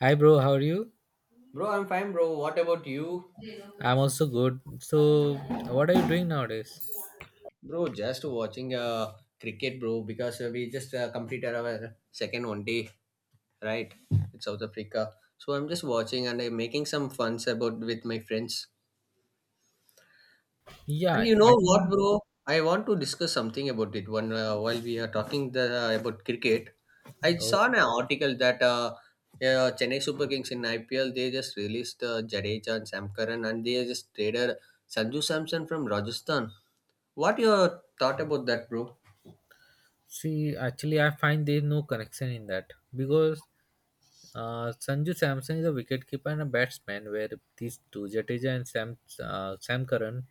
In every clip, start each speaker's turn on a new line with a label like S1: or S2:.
S1: Hi, bro. How are you?
S2: Bro, I'm fine, bro. What about you?
S1: I'm also good. So, what are you doing nowadays?
S2: Bro, just watching cricket, bro, because we just completed our second 1 day, right? It's South Africa. So I'm just watching and I'm making some funs about with my friends. And
S1: Yeah,
S2: you
S1: I
S2: know what,
S1: think.
S2: bro? I want to discuss something about it. One while we are talking about cricket, I
S1: Oh,
S2: saw an article that Chennai Super Kings in IPL they just released Jadeja and Sam Curran, and they just traded Sanju Samson from Rajasthan. What your thought about that, bro?
S1: see, actually, I find there is no connection in that because Sanju Samson is a wicketkeeper and a batsman, where these two Jadeja and Sam Curran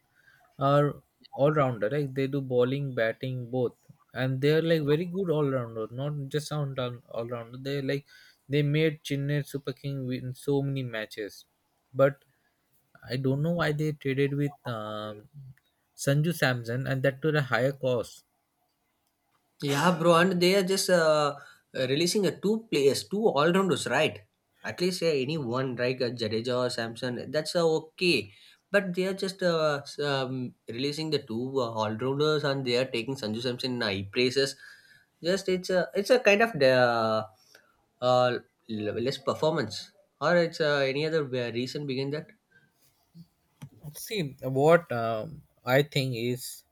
S1: are all rounder. Like they do bowling, batting, both, and they are like very good all rounder. Not just all rounder. They like they made Chennai Super King win so many matches, but I don't know why they traded with Sanju Samson and that to the higher cost.
S2: Yeah, bro, and they are just releasing a two players, two all rounders, right? At least any one, right? Jadeja or Samson, that's okay. But they are just releasing the two all rounders, and they are taking Sanju Samson in high praises. Just it's a kind of the uh, less performance, or it's any other reason behind that?
S1: See, what I think is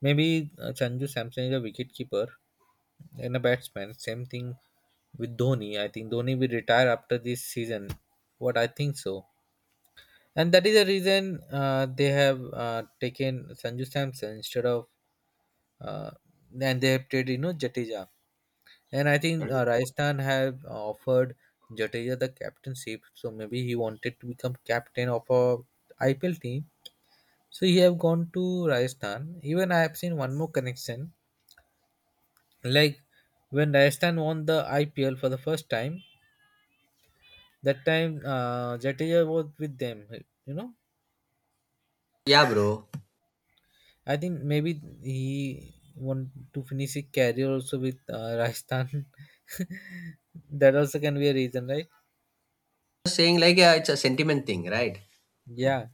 S1: maybe Sanju Samson is a wicket keeper and a batsman. Same thing with Dhoni. I think Dhoni will retire after this season. What I think so. And that is the reason they have taken Sanju Samson instead of, uh, and they have traded, Jadeja. And I think Rajasthan have offered Jadeja the captainship, so maybe he wanted to become captain of a IPL team. So he have gone to Rajasthan. Even I have seen one more connection, like when Rajasthan won the IPL for the first time. That time Jadeja was with them. You know,
S2: Yeah, bro.
S1: I think maybe he want to finish his career also with Rajasthan. That also can be a reason, right?
S2: Saying like it's a sentiment thing, right?
S1: Yeah,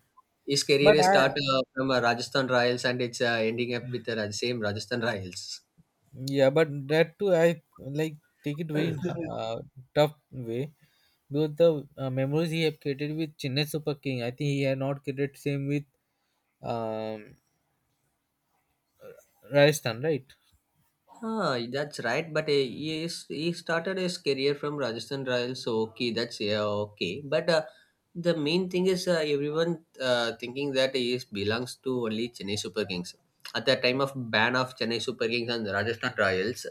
S2: His
S1: but
S2: career is
S1: I
S2: start from Rajasthan Royals, and it's ending up with the same Rajasthan Royals.
S1: Yeah, but that too, I like take it very in tough way because the memories he have created with Chennai Super King, I think he had not created same with um, Rajasthan, right?
S2: Ah, that's right. But he started his career from Rajasthan Royals, so okay, that's yeah, okay. But the main thing is everyone thinking that he is, belongs to only Chennai Super Kings. At the time of ban of Chennai Super Kings and Rajasthan Royals,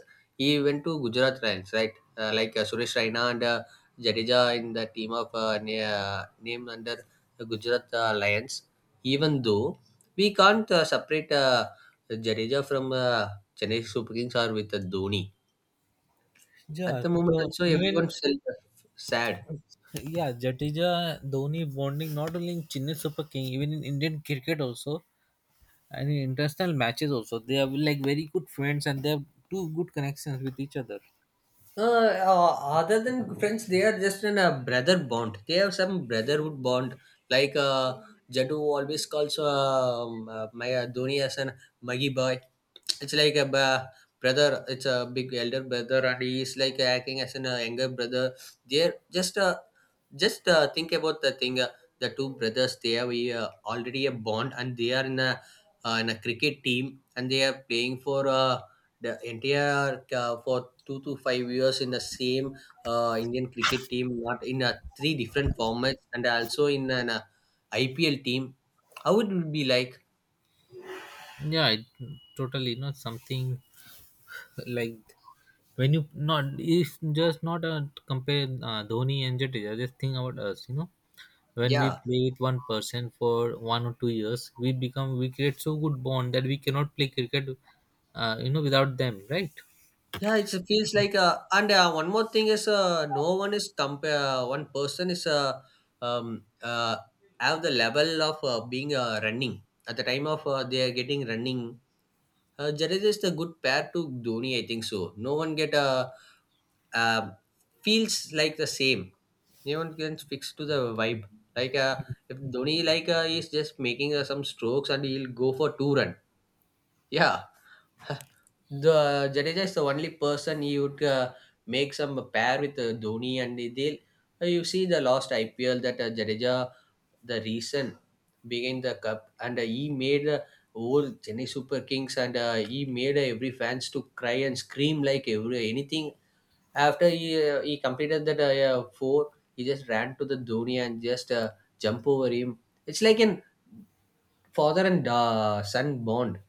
S2: he went to Gujarat Lions, right? Like Suresh Raina and Jadeja in the team of named under the Gujarat Lions. Even though we can't separate Jadeja from Chennai Super Kings or with Dhoni. At
S1: Yeah,
S2: the moment,
S1: so
S2: also
S1: even
S2: everyone's sad.
S1: yeah, Jadeja Dhoni bonding not only in Chennai Super King, even in Indian cricket also, and in international matches also, they are like very good friends and they have two good connections with each other.
S2: Other than friends, they are just in a brother bond. They have some brotherhood bond. Like Jaddu always calls my Dhoni as an Maggie boy. It's like a brother. It's a big elder brother, and he is like acting as an younger brother. They're just think about the thing. The two brothers, they have already a bond, and they are in a cricket team, and they are playing for. The entire for 2 to 5 years in the same Indian cricket team, not in three different formats, and also in an IPL team. How it would be like?
S1: Yeah, totally, not something like when you not it's just not compare Dhoni and Jadeja. Just think about us. When we
S2: Yeah,
S1: play with one person for 1 or 2 years, we create so good bond that we cannot play cricket, without them, right?
S2: yeah. It feels like. And one more thing is, no one is compare. One person is um, uh, have the level of being running at the time of they are getting running. Jadeja is the good pair to Dhoni, I think so. No one get a, uh, feels like the same. No one can fix to the vibe. Like if Dhoni like is just making some strokes and he'll go for two run. Yeah, the Jadeja is the only person he would make some pair with Dhoni, and they you see the last IPL that Jadeja the reason began the cup, and he made whole Chennai Super Kings, and he made every fans to cry and scream like every anything after he completed that four, he just ran to the Dhoni and just jump over him. It's like an father and son bond.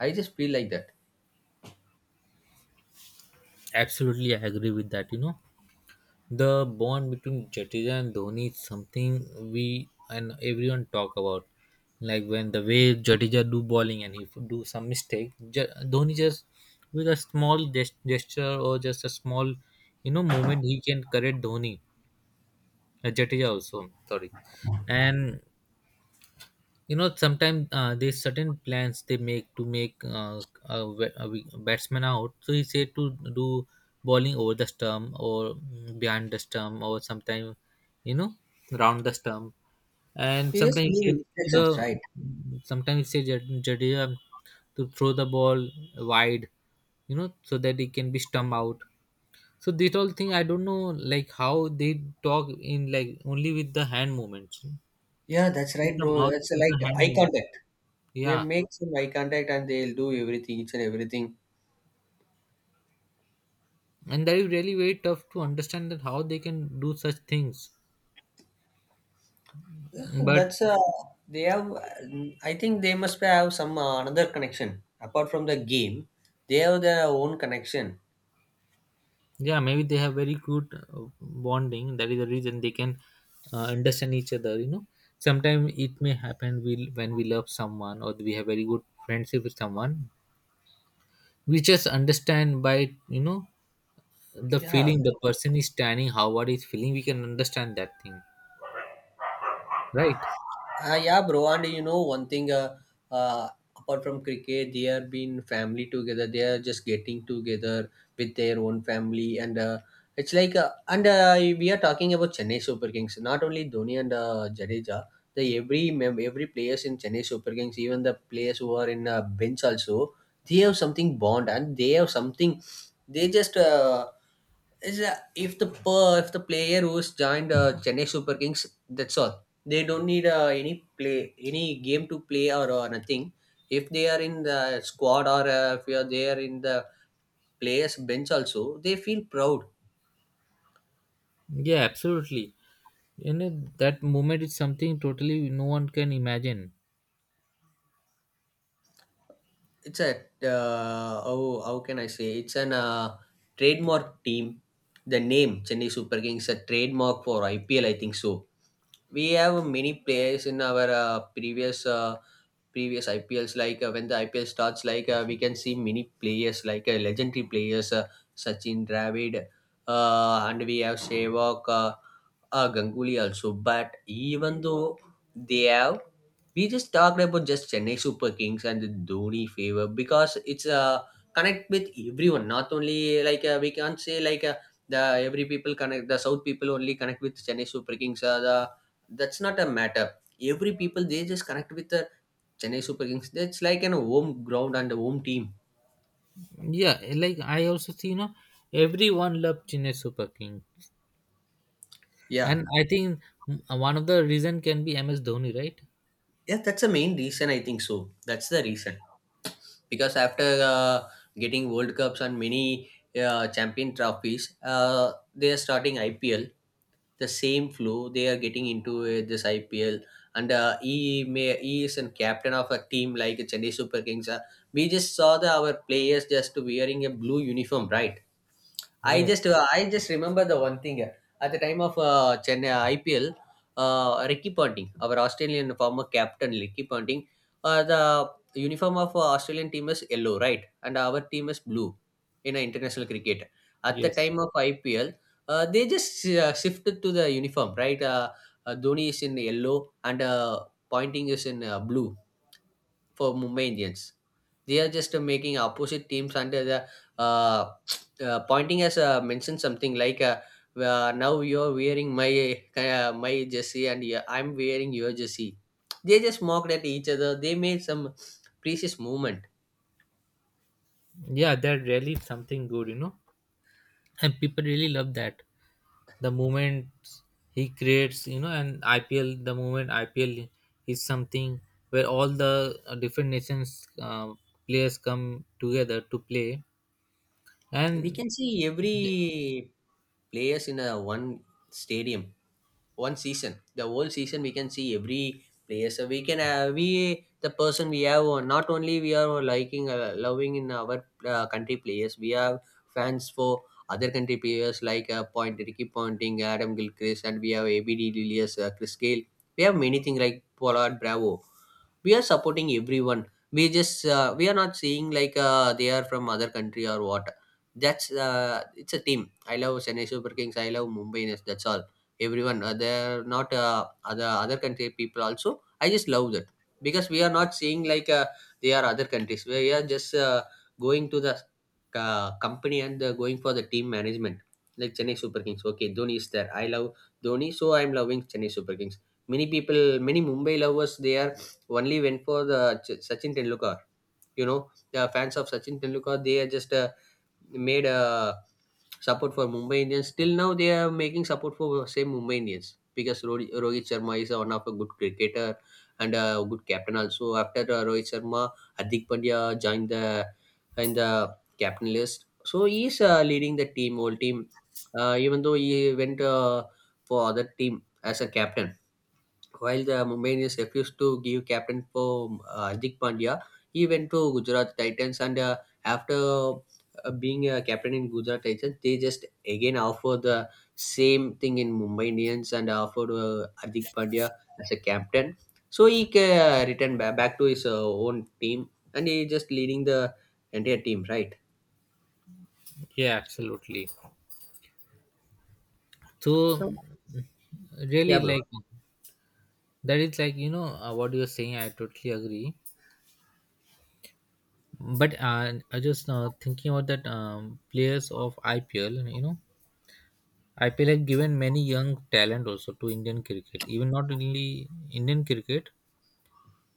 S2: I just feel like that.
S1: Absolutely, I agree with that. The bond between Jadeja and Dhoni is something we and everyone talk about. Like when the way Jadeja do bowling and he do some mistake, Dhoni just with a small gesture or just a small, moment he can correct Dhoni, Jadeja also. Sorry, and sometimes there's certain plans they make to make a batsman out, so he said to do bowling over the stump, or behind the stump, or sometimes you know round the stump, and
S2: You just
S1: sometimes
S2: give
S1: he said to the
S2: instructions, right?
S1: sometimes he said Jadeja to throw the ball wide so that it can be stump out. So this whole thing, I don't know like how they talk in, like only with the hand movements, not
S2: Yeah, that's
S1: with
S2: right,
S1: the
S2: bro.
S1: mouth,
S2: It's
S1: with the
S2: like
S1: hand
S2: eye
S1: movements,
S2: contact. They
S1: yeah.
S2: make some eye contact, and they'll do everything, each and everything.
S1: And that is really very tough to understand that how they can do such things, but
S2: That's they have. I think they must have some another connection apart from the game. They have their own connection.
S1: yeah, maybe they have very good bonding. That is the reason they can understand each other. Sometimes it may happen, when we love someone or we have very good friendship with someone, we just understand by the
S2: Yeah,
S1: feeling, the person is standing how, what is feeling, we can understand that thing, right?
S2: Yeah, bro. And you know, one thing, uh, apart from cricket, they are being family together. They are just getting together with their own family, and it's like, and we are talking about Chennai Super Kings. Not only Dhoni and Jadeja, the every players in Chennai Super Kings, even the players who are in bench also, they have something bond, and they have something. They just. Is if the per, if the player who's joined Chennai Super Kings, that's all. They don't need any play any game to play or nothing. If they are in the squad, or if you are there in the players bench also, they feel proud.
S1: Yeah, absolutely you know that moment is something totally no one can imagine.
S2: It's a how can I say? It's an trademark team. The name Chennai Super Kings is a trademark for IPL, I think so. We have many players in our previous IPLs. Like when the IPL starts, like we can see many players, like legendary players, Sachin Dravid, and we have Sehwag, Ganguly also. But even though they have, we just talked about just Chennai Super Kings and the Dhoni favor because it's connect with everyone. Not only like we can't say like. The every people connect the south people only connect with Chennai Super Kings the that's not a matter. Every people they just connect with the Chennai Super Kings. That's like an home ground and a home team.
S1: Yeah, like I also see, everyone loved Chennai Super King,
S2: Yeah,
S1: and I think one of the reason can be MS Dhoni, right?
S2: yeah, that's the main reason, I think so. That's the reason, because after getting world cups and many champion trophies, they are starting IPL, the same flow they are getting into this IPL. And he may he is a captain of a team like Chennai Super Kings. We just saw the our players just wearing a blue uniform, right?
S1: Yes,
S2: I just remember the one thing at the time of Chennai IPL, Ricky Ponting, our Australian former captain Ricky Ponting, the uniform of Australian team is yellow, right, and our team is blue in international cricket. At the
S1: yes,
S2: time of IPL, they just shifted to the uniform, right? Dhoni is in yellow, and Pointing is in blue for Mumbai Indians. They are just making opposite teams under the uh, pointing as mentioned something like now you're wearing my my jersey, and yeah, I'm wearing your jersey. They just mocked at each other. They made some precious movement.
S1: yeah, that really something good, and people really love that. The moment he creates, and IPL, the moment IPL is something where all the different nations players come together to play,
S2: We
S1: and
S2: can see
S1: th-
S2: every players in a one stadium, one season, the whole season we can see every player. So we can we the person we have not only we are liking loving in our country players, we have fans for other country players like point Ricky Ponting, Adam Gilchrist, and we have ABD Lilius, Chris Gale, we have many things like Pollard, Bravo. We are supporting everyone. We just we are not seeing like they are from other country or what. That's it's a team. I love Chennai Super Kings. I love Mumbai Indians. That's all. Everyone, they're not other country people also. I just love that, because we are not seeing like they are other countries. We are just going to the company and going for the team management. Like Chennai Super Kings. Okay, Dhoni is there. I love Dhoni, so I'm loving Chennai Super Kings. Many people, many Mumbai lovers, they are only went for the Sachin Tendulkar. You know, the fans of Sachin Tendulkar, they are just made a support for Mumbai Indians. Till now, they are making support for same Mumbai Indians because Rohit Sharma is one of a good cricketer and a good captain also. After Rohit Sharma, Adik Pandya joined the in the captain list. So he is leading the team, whole team. Even though he went for other team as a captain, while the Mumbai Indians refused to give captain for Hardik Pandya, he went to Gujarat Titans, and after being a captain in Gujarat Titans, they just again offer the same thing in Mumbai Indians and offered Hardik Pandya as a captain. So he returned back to his own team, and he just leading the entire team, right?
S1: yeah, absolutely. So
S2: So yeah,
S1: really
S2: bro.
S1: like. That is like what you're saying. I totally agree. But I just thinking about that players of IPL. IPL have given many young talent also to Indian cricket. Even not only Indian cricket,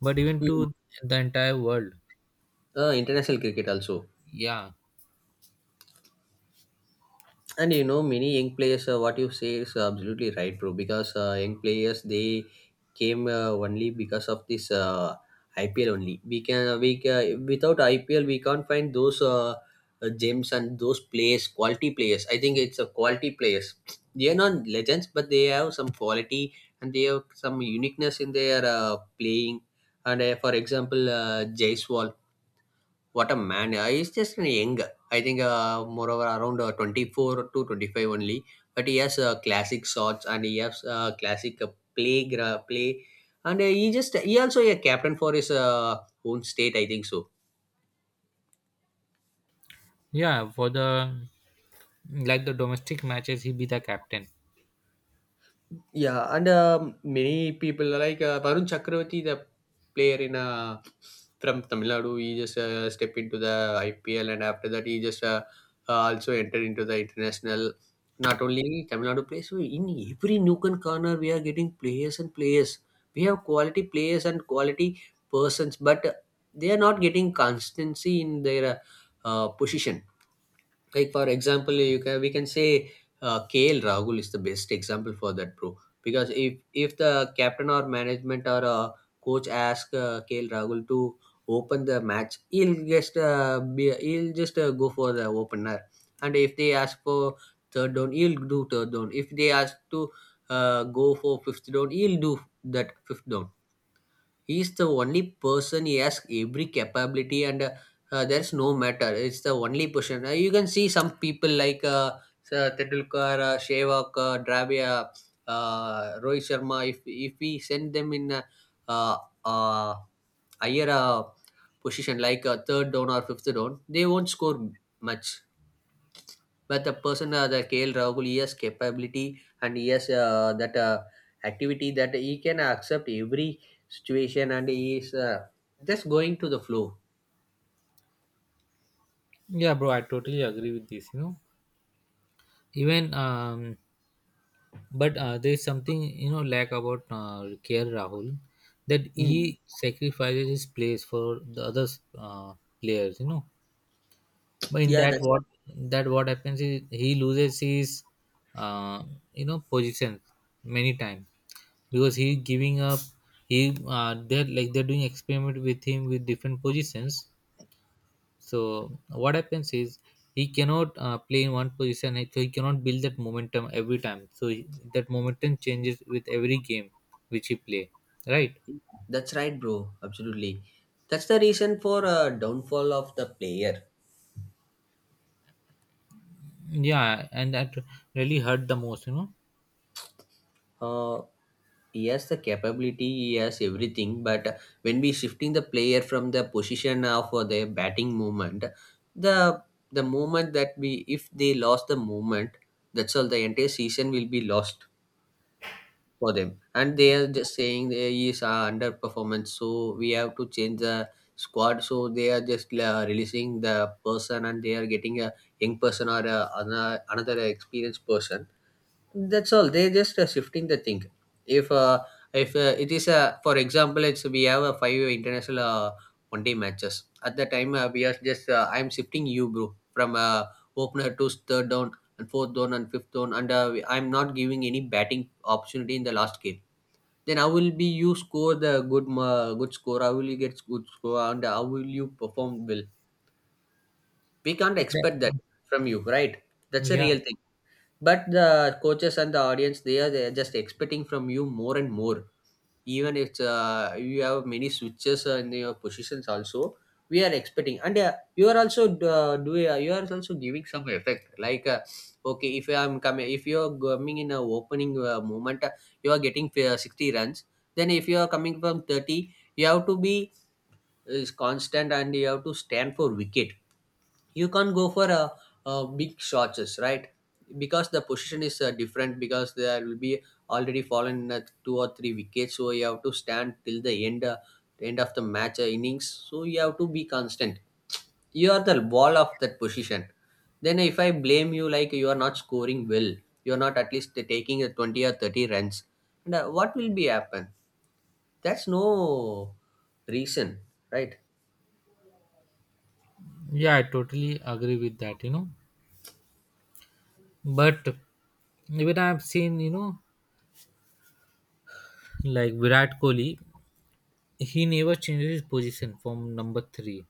S1: but even
S2: Hmm.
S1: to the entire world.
S2: International cricket also.
S1: Yeah,
S2: And you know, many young players, what you say is absolutely right, bro, because young players they came only because of this IPL. Only we can without IPL we can't find those gems and those players, quality players. I think it's a quality players. They are not legends, but they have some quality, and they have some uniqueness in their playing. And for example, Jaiswal, what a man! He's just an young. I think, moreover, around 24 to 25 only. But he has classic shots and he has play. And he also a captain for his own state, I think so.
S1: yeah. For the like the domestic matches, he be the captain.
S2: Yeah, and many people like Varun Chakravarti, the player in from Tamil Nadu, he just stepped into the IPL, and after that, he just also entered into the international. Not only Tamil Nadu players, so in every nook and corner, we are getting players and players. We have quality players and quality persons, but they are not getting constancy in their position. Like for example, you can we can say KL Rahul is the best example for that, bro, because if the captain or management or coach ask KL Rahul to open the match, he'll just he'll just go for the opener. And if they ask for third down, he'll do third down. If they ask to go for fifth down, he'll do that fifth down. He is the only person, he has every capability, and there's no matter. It's the only person. You can see some people like Tendulkar, Sehwag, Dravid, Rohit Sharma, if we send them in a uh, uh, higher position like third down or fifth down, they won't score much. But the person, the KL Rahul, he has capability and he has that activity, that he can accept every situation, and he is just going to the flow.
S1: Yeah, bro. I totally agree with this. Even But there is something lack about K.R. Rahul that
S2: Hmm.
S1: he sacrifices his place for the other uh, players. But in
S2: Yeah, that's
S1: that what happens is he loses his uh, position many times because he giving up. He they're like they're doing experiment with him with different positions, so what happens is he cannot play in one position, so he cannot build that momentum every time. That momentum changes with every game which he play, right?
S2: that's right, bro. Absolutely, that's the reason for downfall of the player.
S1: Yeah, and that really hurt the most.
S2: Uh, yes, the capability, yes, everything. But when we shifting the player from the position of their batting movement, the the moment that we if they lost the movement, that's all. The entire season will be lost for them, and they are just saying there is underperformance. So we have to change the squad. So they are just releasing the person, and they are getting a young person or another experienced person. That's all, they just shifting the thing. If uh, if uh, it is a, for example, it's we have a five international one day matches, at the time we are just I'm shifting you, bro, from opener to third down and fourth down and fifth down, and I'm not giving any batting opportunity in the last game. Then how will be you score the good, good score? How will you get good score? And how will you perform well? We can't
S1: Yeah,
S2: expect that from you, right? That's a
S1: yeah,
S2: real thing. But the coaches and the audience, they are just expecting from you more and more. Even if you have many switches in your positions also, we are expecting, and you are also do you are also giving some effect. Like okay, if you are coming in a opening moment, you are getting 60 runs. Then if you are coming from 30, you have to be is constant and you have to stand for wicket. You can't go for a big shots, right? Because the position is different, because there will be already fallen two or three wickets, so you have to stand till the end, the end of the match, innings. So you have to be constant, you are the ball of that position. Then if I blame you like you are not scoring well, you are not at least taking a 20 or 30 runs, and what will be happen? That's no reason, right?
S1: yeah, I totally agree with that. But even I've seen, like Virat Kohli, he never changes his position from number three.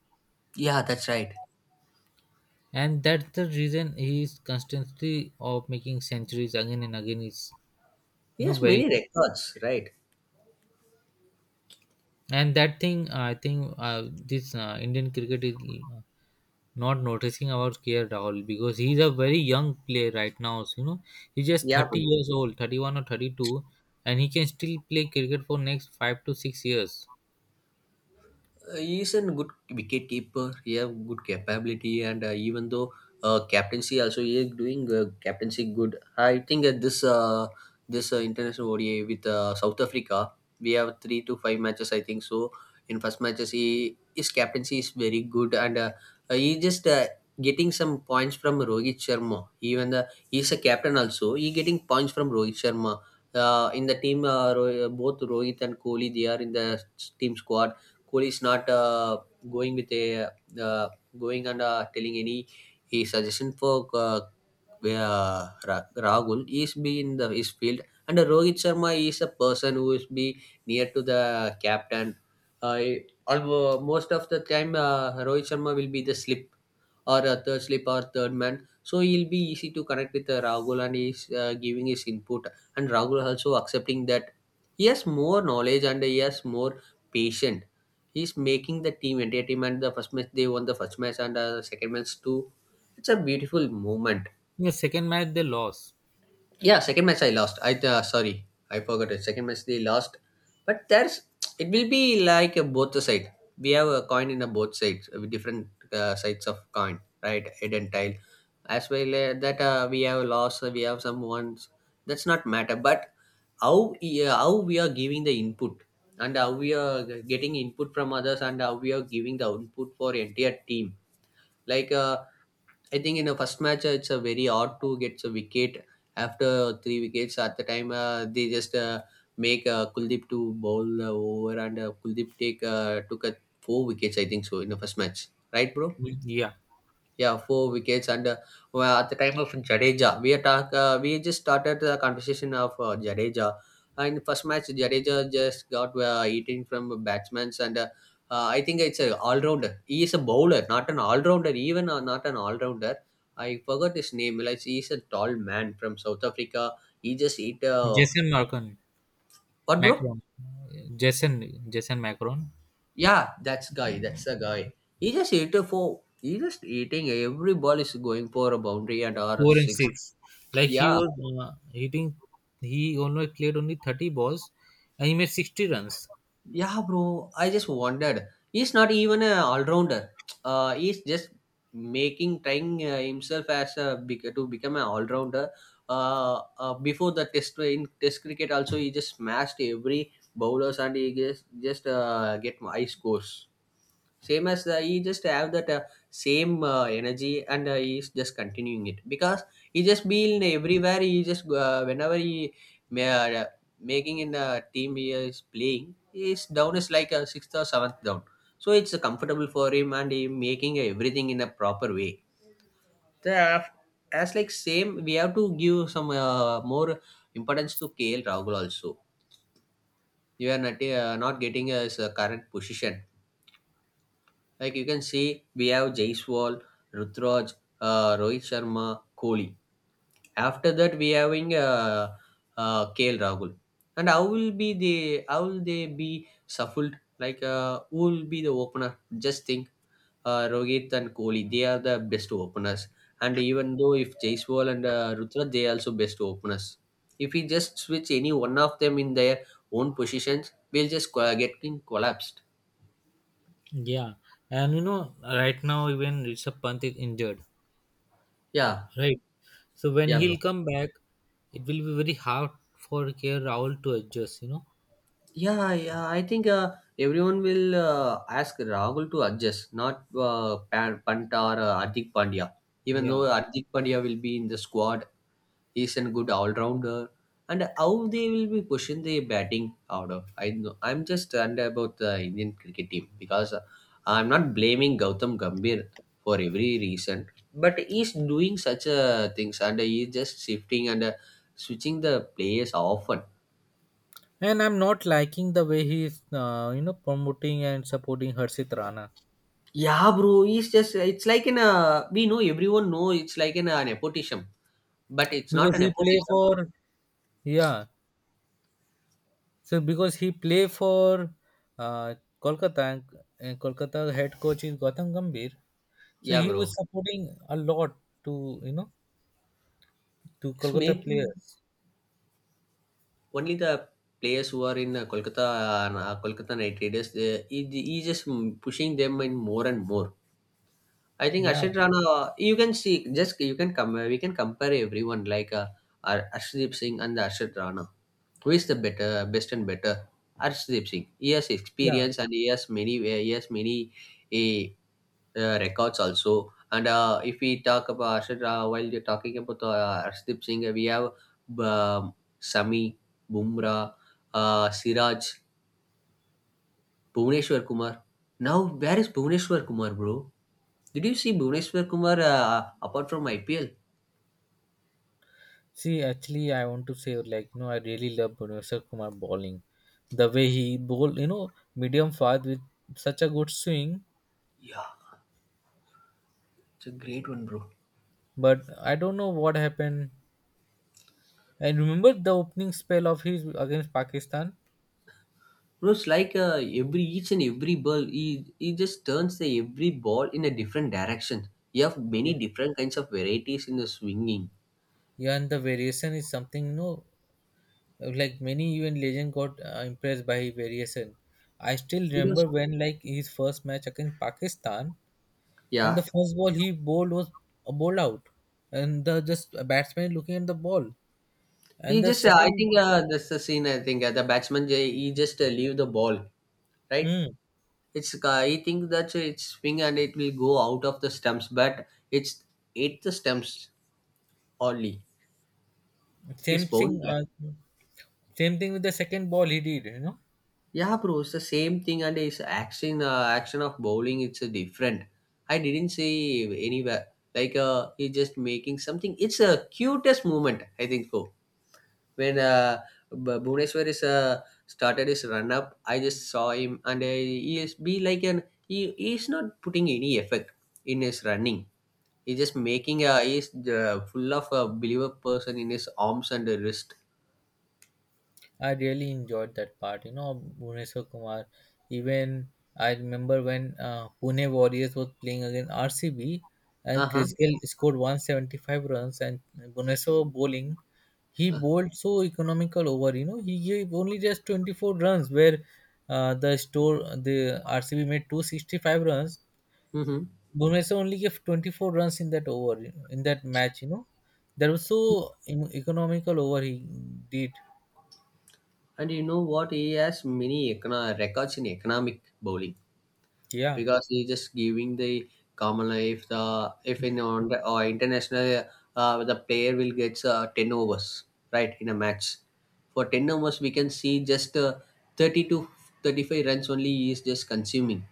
S2: Yeah, that's right.
S1: And that's the reason he is constantly of making centuries again and again is you
S2: He
S1: know
S2: has many
S1: very
S2: records, right?
S1: and that thing, I think this Indian cricket is uh, not noticing about K R Rahul, because he's a very young player right now. So, he's just
S2: Yeah,
S1: 30 years old, 31 or 32, and he can still play cricket for next 5 to 6 years.
S2: he's a good wicket keeper. He have good capability, and even though captaincy also, he is doing captaincy good. I think at this international ODI with South Africa, we have 3 to 5 matches, I think so. In first matches, he his captaincy is very good, and he just getting some points from Rohit Sharma. Even the he's a captain also, he getting points from Rohit Sharma. In the team, both Rohit and Kohli, they are in the team squad. Kohli is not going with a uh, going and telling any he suggestion for where Rahul is be in the his field, and Rohit Sharma is a person who is be near to the captain. Uh, although most of the time, Rohit Sharma will be the slip or a third slip or third man, so he'll be easy to connect with Rahul, and he's giving his input, and Rahul also accepting that. He has more knowledge and he has more patient. He's making the team entertainment. They won the first match and the second match too. It's a beautiful moment.
S1: In the second match, they lost.
S2: Yeah, second match I lost. I sorry, I forgot it. Second match they lost, but there's it will be like a both the side. We have a coin in a both sides, with different sides of coin, right? Head and tail. As well that we have loss, we have some ones. That's not matter, but how yeah, how we are giving the input, and how we are getting input from others, and how we are giving the output for entire team. Like I think in the first match, it's a very hard to get a wicket after 3 wickets. At the time, they just make Kuldeep to bowl over, and Kuldeep take took a 4 wickets, I think so, in the first match, right, bro?
S1: Mm, yeah,
S2: Yeah, 4 wickets. And well, at the time of Jadeja, we attack. We just started the conversation of Jadeja. And first match, Jadeja just got eating from batsmans, and I think it's a all rounder. He is a bowler, not an all rounder. Even not an all rounder. I forgot his name. Like he's a tall man from South Africa. He just eat.
S1: Jason Marcon,
S2: What, bro?
S1: Macron, Jason, Jason Macron,
S2: Yeah, that's guy, that's the guy. He just eat a four. He just eating every ball is going for a boundary and or a
S1: four and
S2: six.
S1: six. Like he
S2: Yeah,
S1: was hitting, he only played only 30 balls, and he made 60 runs.
S2: yeah, bro, I just wondered. He's not even an all-rounder. He's just making trying himself as a to become an all-rounder. Before the test in test cricket, also he just smashed every bowlers and he just get high scores. Same as he just have that same energy, and he's just continuing it, because he just been everywhere. He just whenever he. May. Making in a team, he is playing. His down is like a sixth or seventh down, so it's comfortable for him, and he making everything in a proper way. the, as like same, we have to give some more importance to KL Rahul also. You are not getting his current position. Like you can see, we have Jaiswal, Rutraj, Rohit Sharma, Kohli. After that, we having KL Rahul. And how will be the how will they be shuffled? Like who will be the opener? Just think, Rohit and Kohli, they are the best openers. And even though if Jaiswal and Rutra, they are also best openers. If we just switch any one of them in their own positions, we'll just getting collapsed.
S1: Yeah, and right now even Rishabh Pant is injured,
S2: Yeah,
S1: right? So when
S2: yeah,
S1: he'll
S2: bro.
S1: come back, it will be very hard for K. R Rahul to adjust.
S2: Yeah, yeah. I think everyone will ask Rahul to adjust, not Pant or Hardik Pandya. Even though
S1: Yeah.
S2: Hardik Pandya will be in the squad, he's a good all-rounder. And how they will be pushing the batting order, I know. I'm just under about the Indian cricket team, because I'm not blaming Gautam Gambhir for every reason, but he's doing such things, and he's just shifting and switching the players often.
S1: And I'm not liking the way he's, promoting and supporting Harshit Rana,
S2: Yeah, bro, it's just it's like in a, we know everyone know, it's like in a nepotism, but it's not
S1: because
S2: a
S1: he play
S2: nepotism.
S1: for, yeah. So because he play for uh, Kolkata and Kolkata head coach is Gautam Gambhir, so
S2: Yeah,
S1: he was
S2: bro.
S1: supporting a lot to you know to
S2: It's
S1: Kolkata
S2: making
S1: players.
S2: only the players who are in Kolkata Knight Raiders. He just pushing them in more and more. I think
S1: Yeah.
S2: Ashit Rana, you can see, just you can come, we can compare everyone, like Arshdeep Singh and the Ashit Rana. Who is the best and better? Arshdeep Singh. He has
S1: Yeah.
S2: experience, and he has many eh, records also. And if we talk about Ashit Rana, while you're talking about Arshdeep Singh, we have um, Sami, Bumrah, Siraj, Bhuvneshwar Kumar. Now, where is Bhuvneshwar Kumar, bro? Did you see Bhuvneshwar Kumar apart from IPL?
S1: See, actually, I want to say, like, I really love Bhuvneshwar Kumar bowling. The way he bowled, medium fast with such a good swing.
S2: Yeah, it's a great one, bro.
S1: But I don't know what happened. I remember the opening spell of his against Pakistan.
S2: Bro, it's like every each and every ball, he just turns the every ball in a different direction. You have many
S1: Yeah.
S2: different kinds of varieties in the swinging.
S1: Yeah, and the variation is something, like many even legend got impressed by his variation. I still
S2: Because
S1: remember when, like, his first match against Pakistan, and the
S2: yeah,
S1: first ball he bowled was a bowled out, and the just a batsman looking at the ball.
S2: he
S1: And the
S2: just I
S1: second,
S2: think that's the scene. I think the batsman he just leave the ball, right?
S1: hmm,
S2: It's he think that it's swing and it will go out of the stumps, but it's hit the stumps only.
S1: same
S2: It's bowling.
S1: thing, uh, same thing with the second ball he did.
S2: Yeah, bro, it's the same thing, and it's action. Action of bowling, it's different. I didn't see anywhere like he's just making something. It's a cutest moment, I think. So when Bhuvaneshwar is started his run up, I just saw him, and he is be like an he's not putting any effect in his running. He's just making a he's full of a believer person in his arms and wrist.
S1: I really enjoyed that part. Bhuneshwar Kumar. Even I remember when Pune Warriors was playing against RCB,
S2: Uh
S1: and
S2: huh.
S1: Chris Gayle scored 175 runs, and Bhuneshwar was bowling. He bowled so economical over. He gave only just 24 runs, where the RCB made 265 runs.
S2: Mm-hmm.
S1: Bhuneshwar only gave 24 runs in that over, in that match. That was so economical over he did.
S2: And you know what? He has many records in economic bowling
S1: Yeah.
S2: because he just giving the common if the if in on the, or international the player will get ten overs right in a match. For ten overs, we can see just 30 to 35 runs only he is just consuming.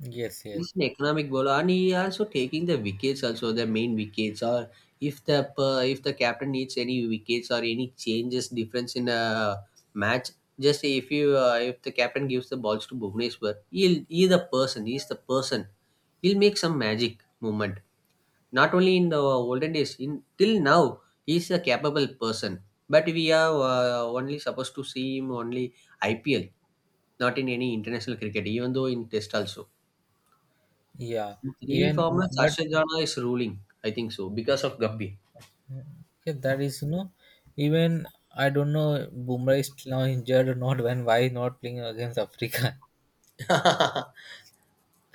S1: Yes, yes.
S2: He's an economic bowler, and he also taking the wickets. Also, the main wickets, or if the if the captain needs any wickets or any changes, difference in a match. Just if you if the captain gives the balls to Bhuvneshwar, he'll he the person. He's the person. He'll make some magic moment. Not only in the olden days, in till now, he's a capable person. But we are only supposed to see him only IPL, not in any international cricket. Even though in Test also.
S1: Yeah,
S2: Three
S1: even
S2: former
S1: but
S2: Sasha Jana is ruling, I think so, because of Gabby.
S1: yeah, that is you know, even I don't know Bumrah is now injured or not. When why is not playing against Africa?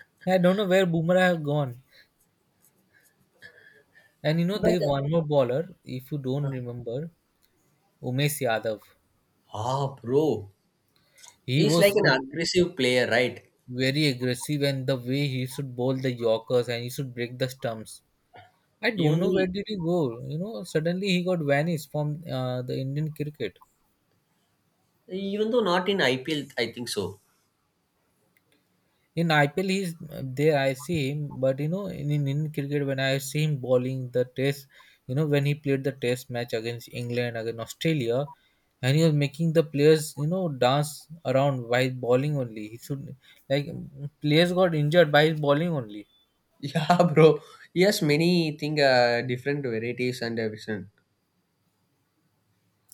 S1: I don't know where Bumrah have gone. And there
S2: But
S1: is one more bowler. If you don't remember, Umesh Yadav.
S2: ah, bro,
S1: He
S2: he's
S1: was
S2: like an
S1: such
S2: aggressive player, right?
S1: very aggressive, and the way he should bowl the Yorkers and he should break the stumps. I don't
S2: Even
S1: know where did he
S2: though,
S1: go. Suddenly he got vanished from the Indian cricket.
S2: even though not in IPL, I think so.
S1: In IPL, he's there, I see him, but in Indian cricket, when I see him bowling the test, when he played the test match against England, against Australia, and he was making the players, dance around by bowling only. He should like players got injured by his bowling only.
S2: Yeah, bro. He has many thing, different varieties and vision,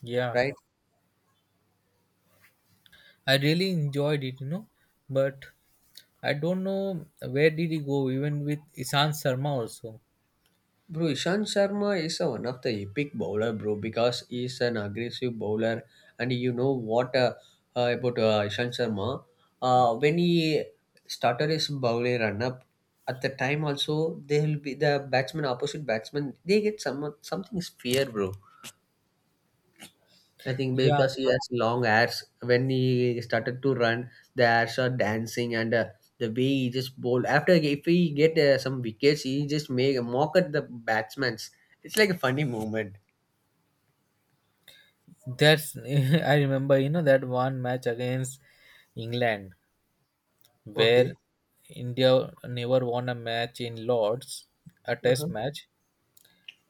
S1: Yeah,
S2: right?
S1: I really enjoyed it, but I don't know where did he go. Even with Ishan Sharma also.
S2: Bro, Ishan Sharma is a, one of the epic bowler, bro, because he's an aggressive bowler. And you know what about Ishan Sharma? When he started his bowling run-up, at the time also, they will be the batsman, opposite batsman, they get some something is fear, bro. I think
S1: Yeah,
S2: because he has long hairs, when he started to run, the hairs are dancing and the way he just bowl. After if he get some wickets, he just make a mock at the batsman's. It's like a funny moment.
S1: that's I remember. You know that one match against England,
S2: Okay.
S1: where India never won a match in Lords, a test
S2: Uh-huh.
S1: match.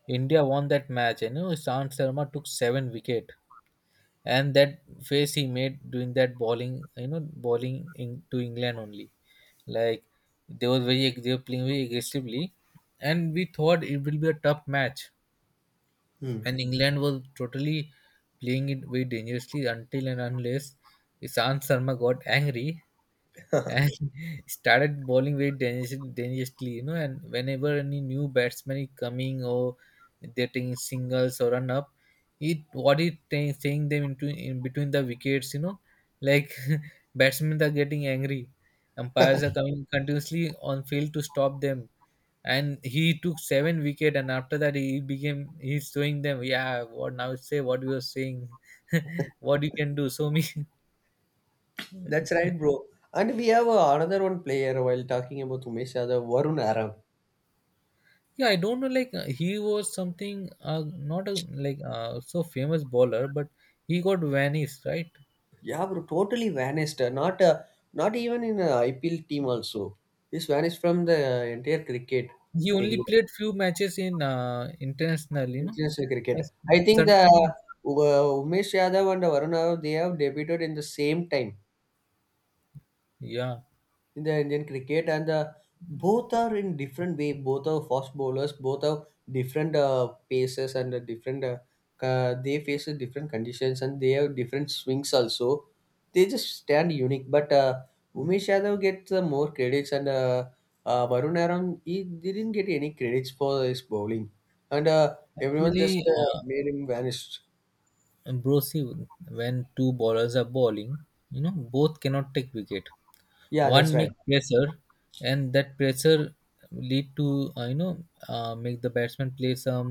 S1: India won that match, and Sant Sharma took seven wicket, and that face he made doing that bowling, to England only, like they were very they were playing very aggressively, and we thought it will be a tough match,
S2: Hmm.
S1: and England was totally playing it very dangerously until and unless Sant Sharma got angry, and started bowling very dangerously. And whenever any new batsman is coming or they're taking singles or run up, he saying them into in between the wickets, like batsmen are getting angry, umpires are coming continuously on field to stop them. And he took seven wicket, and after that he's showing them, yeah, what now, say what you are saying, what you can do, show me.
S2: That's right, bro. And we have another one player while talking about Umesh Yadav, Varun Aram.
S1: Yeah, I don't know. Like he was something, not a like so famous bowler, but he got vanished, right?
S2: Yeah, bro, totally vanished. Not not even in a IPL team also. He's vanished from the entire cricket
S1: He only
S2: career.
S1: played few matches in international,
S2: International
S1: As-
S2: cricket. I think the
S1: suddenly-
S2: Umesh Yadav and Varun Yadav they have debuted in the same time
S1: yeah,
S2: in the Indian cricket, and the, both are in different way. Both are fast bowlers. Both have different paces and different. They face a different conditions and they have different swings also. They just stand unique. But Umesh Yadav gets more credits and Varun Aram he didn't get any credits for his bowling, and everyone just
S1: actually,
S2: made him vanish.
S1: Ambrosi, when two bowlers are bowling, you know, both cannot take wicket.
S2: Yeah, that's
S1: One
S2: right.
S1: make pressure, and that pressure lead to make the batsman play some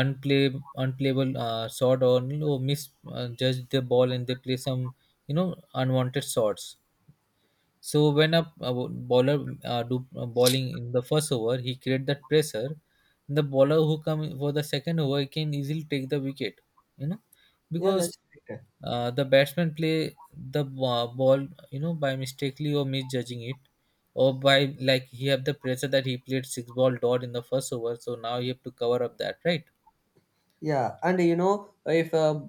S1: unplayable shot, or you know, miss judge the ball, and they play some, you know, unwanted shots. So when a bowler do bowling in the first over, he create that pressure. The bowler who come for the second over he can easily take the wicket. You know,
S2: Yeah,
S1: because
S2: that's correct.
S1: the batsman play ball. You know, by mistakenly or misjudging it, or by like he have the pressure that he played six ball dot in the first over. So now you have to cover up that, right?
S2: Yeah, and you know if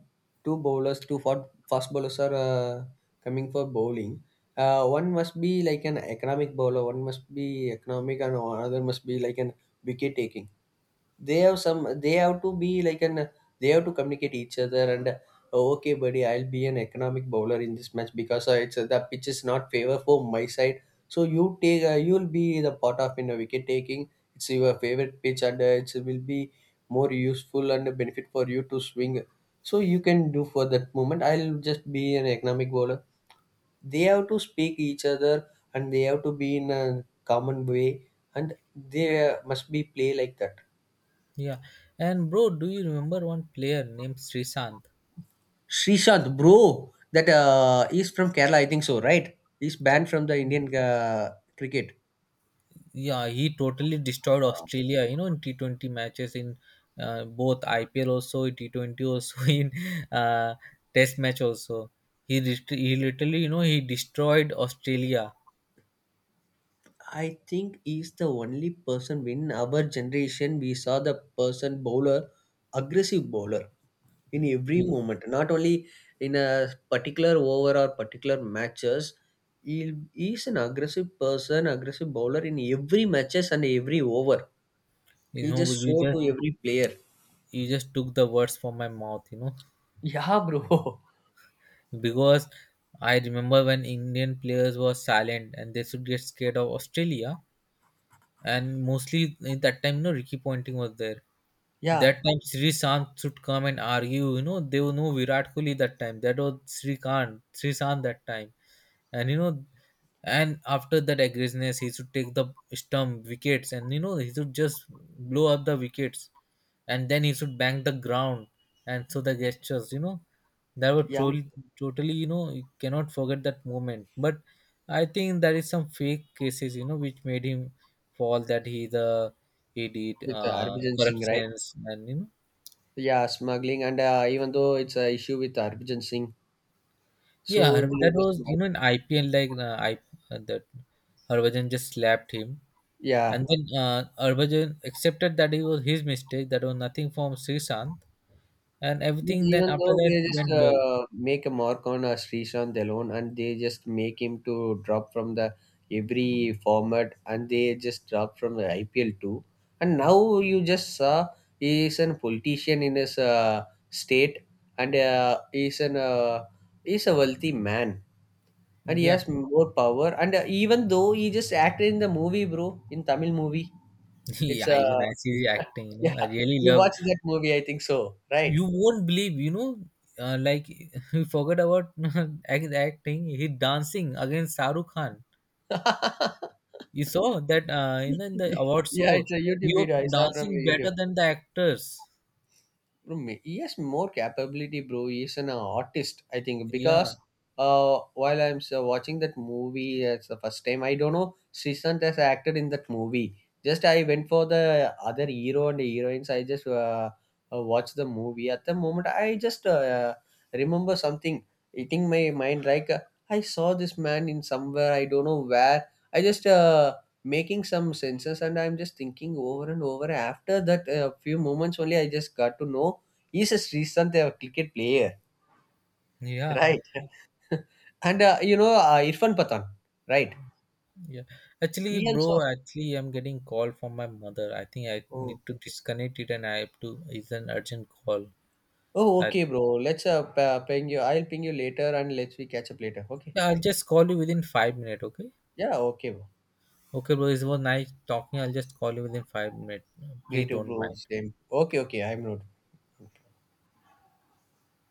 S2: two bowlers, two for fast bowlers are coming for bowling, one must be like an economic bowler, one must be economic, and another must be like an wicket taking. They have some. They have to be like an. They have to communicate each other and. Okay, buddy, I'll be an economic bowler in this match because it's the pitch is not favor for my side. So you take, you'll be the part of in the wicket taking. It's your favorite pitch, and it will be more useful and a benefit for you to swing. So you can do for that moment. I'll just be an economic bowler. They have to speak each other and they have to be in a common way and they must be play like that.
S1: Yeah. And bro, do you remember one player named Srisant?
S2: Srishant, bro, that is from Kerala, I think so, right? He's banned from the Indian cricket.
S1: Yeah, he totally destroyed Australia, you know, in T20 matches in both IPL also, in T20 also, in uh, Test match also. He literally, you know, he destroyed Australia.
S2: I think he's the only person in our generation we saw the person bowler, aggressive bowler in every
S1: You
S2: moment. Not only in a particular over or particular matches, he is an aggressive person, aggressive bowler in every matches and every over. He just
S1: you
S2: show to
S1: just
S2: every player.
S1: took the words from my mouth, you know,
S2: Yeah, bro.
S1: because I remember when Indian players were silent and they should get scared of Australia, and mostly in that time, you know, Ricky Ponting was there.
S2: Yeah,
S1: That time Srikanth should come and argue. You know, they were no Virat Kohli that time. That was Srikanth that time, and you know, and after that aggressiveness he should take the stump wickets, and you know he should just blow up the wickets, and then he should bang the ground, and so the gestures, you know, that were
S2: yeah.
S1: truly totally, you know, you cannot forget that moment. But I think there is some fake cases, you know, which made him fall, that he did
S2: With Harbhajan Singh, right?
S1: corruptions and
S2: Yeah, smuggling and even though it's an issue with Harbhajan Singh,
S1: yeah,
S2: so they
S1: that
S2: just
S1: was, you know, in IPL, like I that Harbhajan just slapped him. And
S2: yeah.
S1: then Harbhajan accepted that it was his mistake, that was nothing from Srishant, and
S2: But
S1: everything then
S2: even
S1: after
S2: though
S1: that
S2: they just
S1: went well.
S2: make a mark on Srishant alone and they just make him to drop from the every format and they just drop from the IPL too. And now you just saw he is a politician in his state and he is a wealthy man and he
S1: Yeah,
S2: has more power and even though he just acted in the movie, bro, in Tamil movie, it's
S1: yeah, even I see the acting, you
S2: yeah,
S1: know, I really
S2: you
S1: love.
S2: watched that movie, I think so, right?
S1: You won't believe, you know, like he forgot about acting, he dancing against Shahrukh Khan. You saw that in the award
S2: Yeah,
S1: show,
S2: it's a
S1: he
S2: YouTube
S1: was
S2: video. I saw from a
S1: dancing better
S2: YouTube.
S1: than the actors.
S2: Bro, yes, more capability, bro. He is an artist, I think,
S1: Yeah,
S2: because while I'm so watching that movie as the first time, I don't know Srishant has acted in that movie. Just I went for the other hero and heroines, I just watched the movie. At the moment I just remember something hitting my mind like I saw this man in somewhere, I don't know where. I just making some senses, and I'm just thinking over and over. After that few moments only I just got to know he's a Srishant, a cricket player,
S1: yeah.
S2: right? And you know Irfan Pathan, right?
S1: Yeah, actually,
S2: He also.
S1: bro, actually, I'm getting call from my mother. I think I need
S2: Oh,
S1: to disconnect it, and I have to. It's an urgent call.
S2: oh
S1: I,
S2: okay, bro. Let's ping you. I'll ping you later, and let's we catch up later. Okay.
S1: I'll just call you within 5 minutes. Okay.
S2: Yeah. Okay, bro.
S1: Okay, bro. It was nice talking. I'll just call you within 5 minutes.
S2: Me
S1: Please
S2: too,
S1: don't
S2: bro.
S1: mind.
S2: Same. Okay. Okay. I'm not.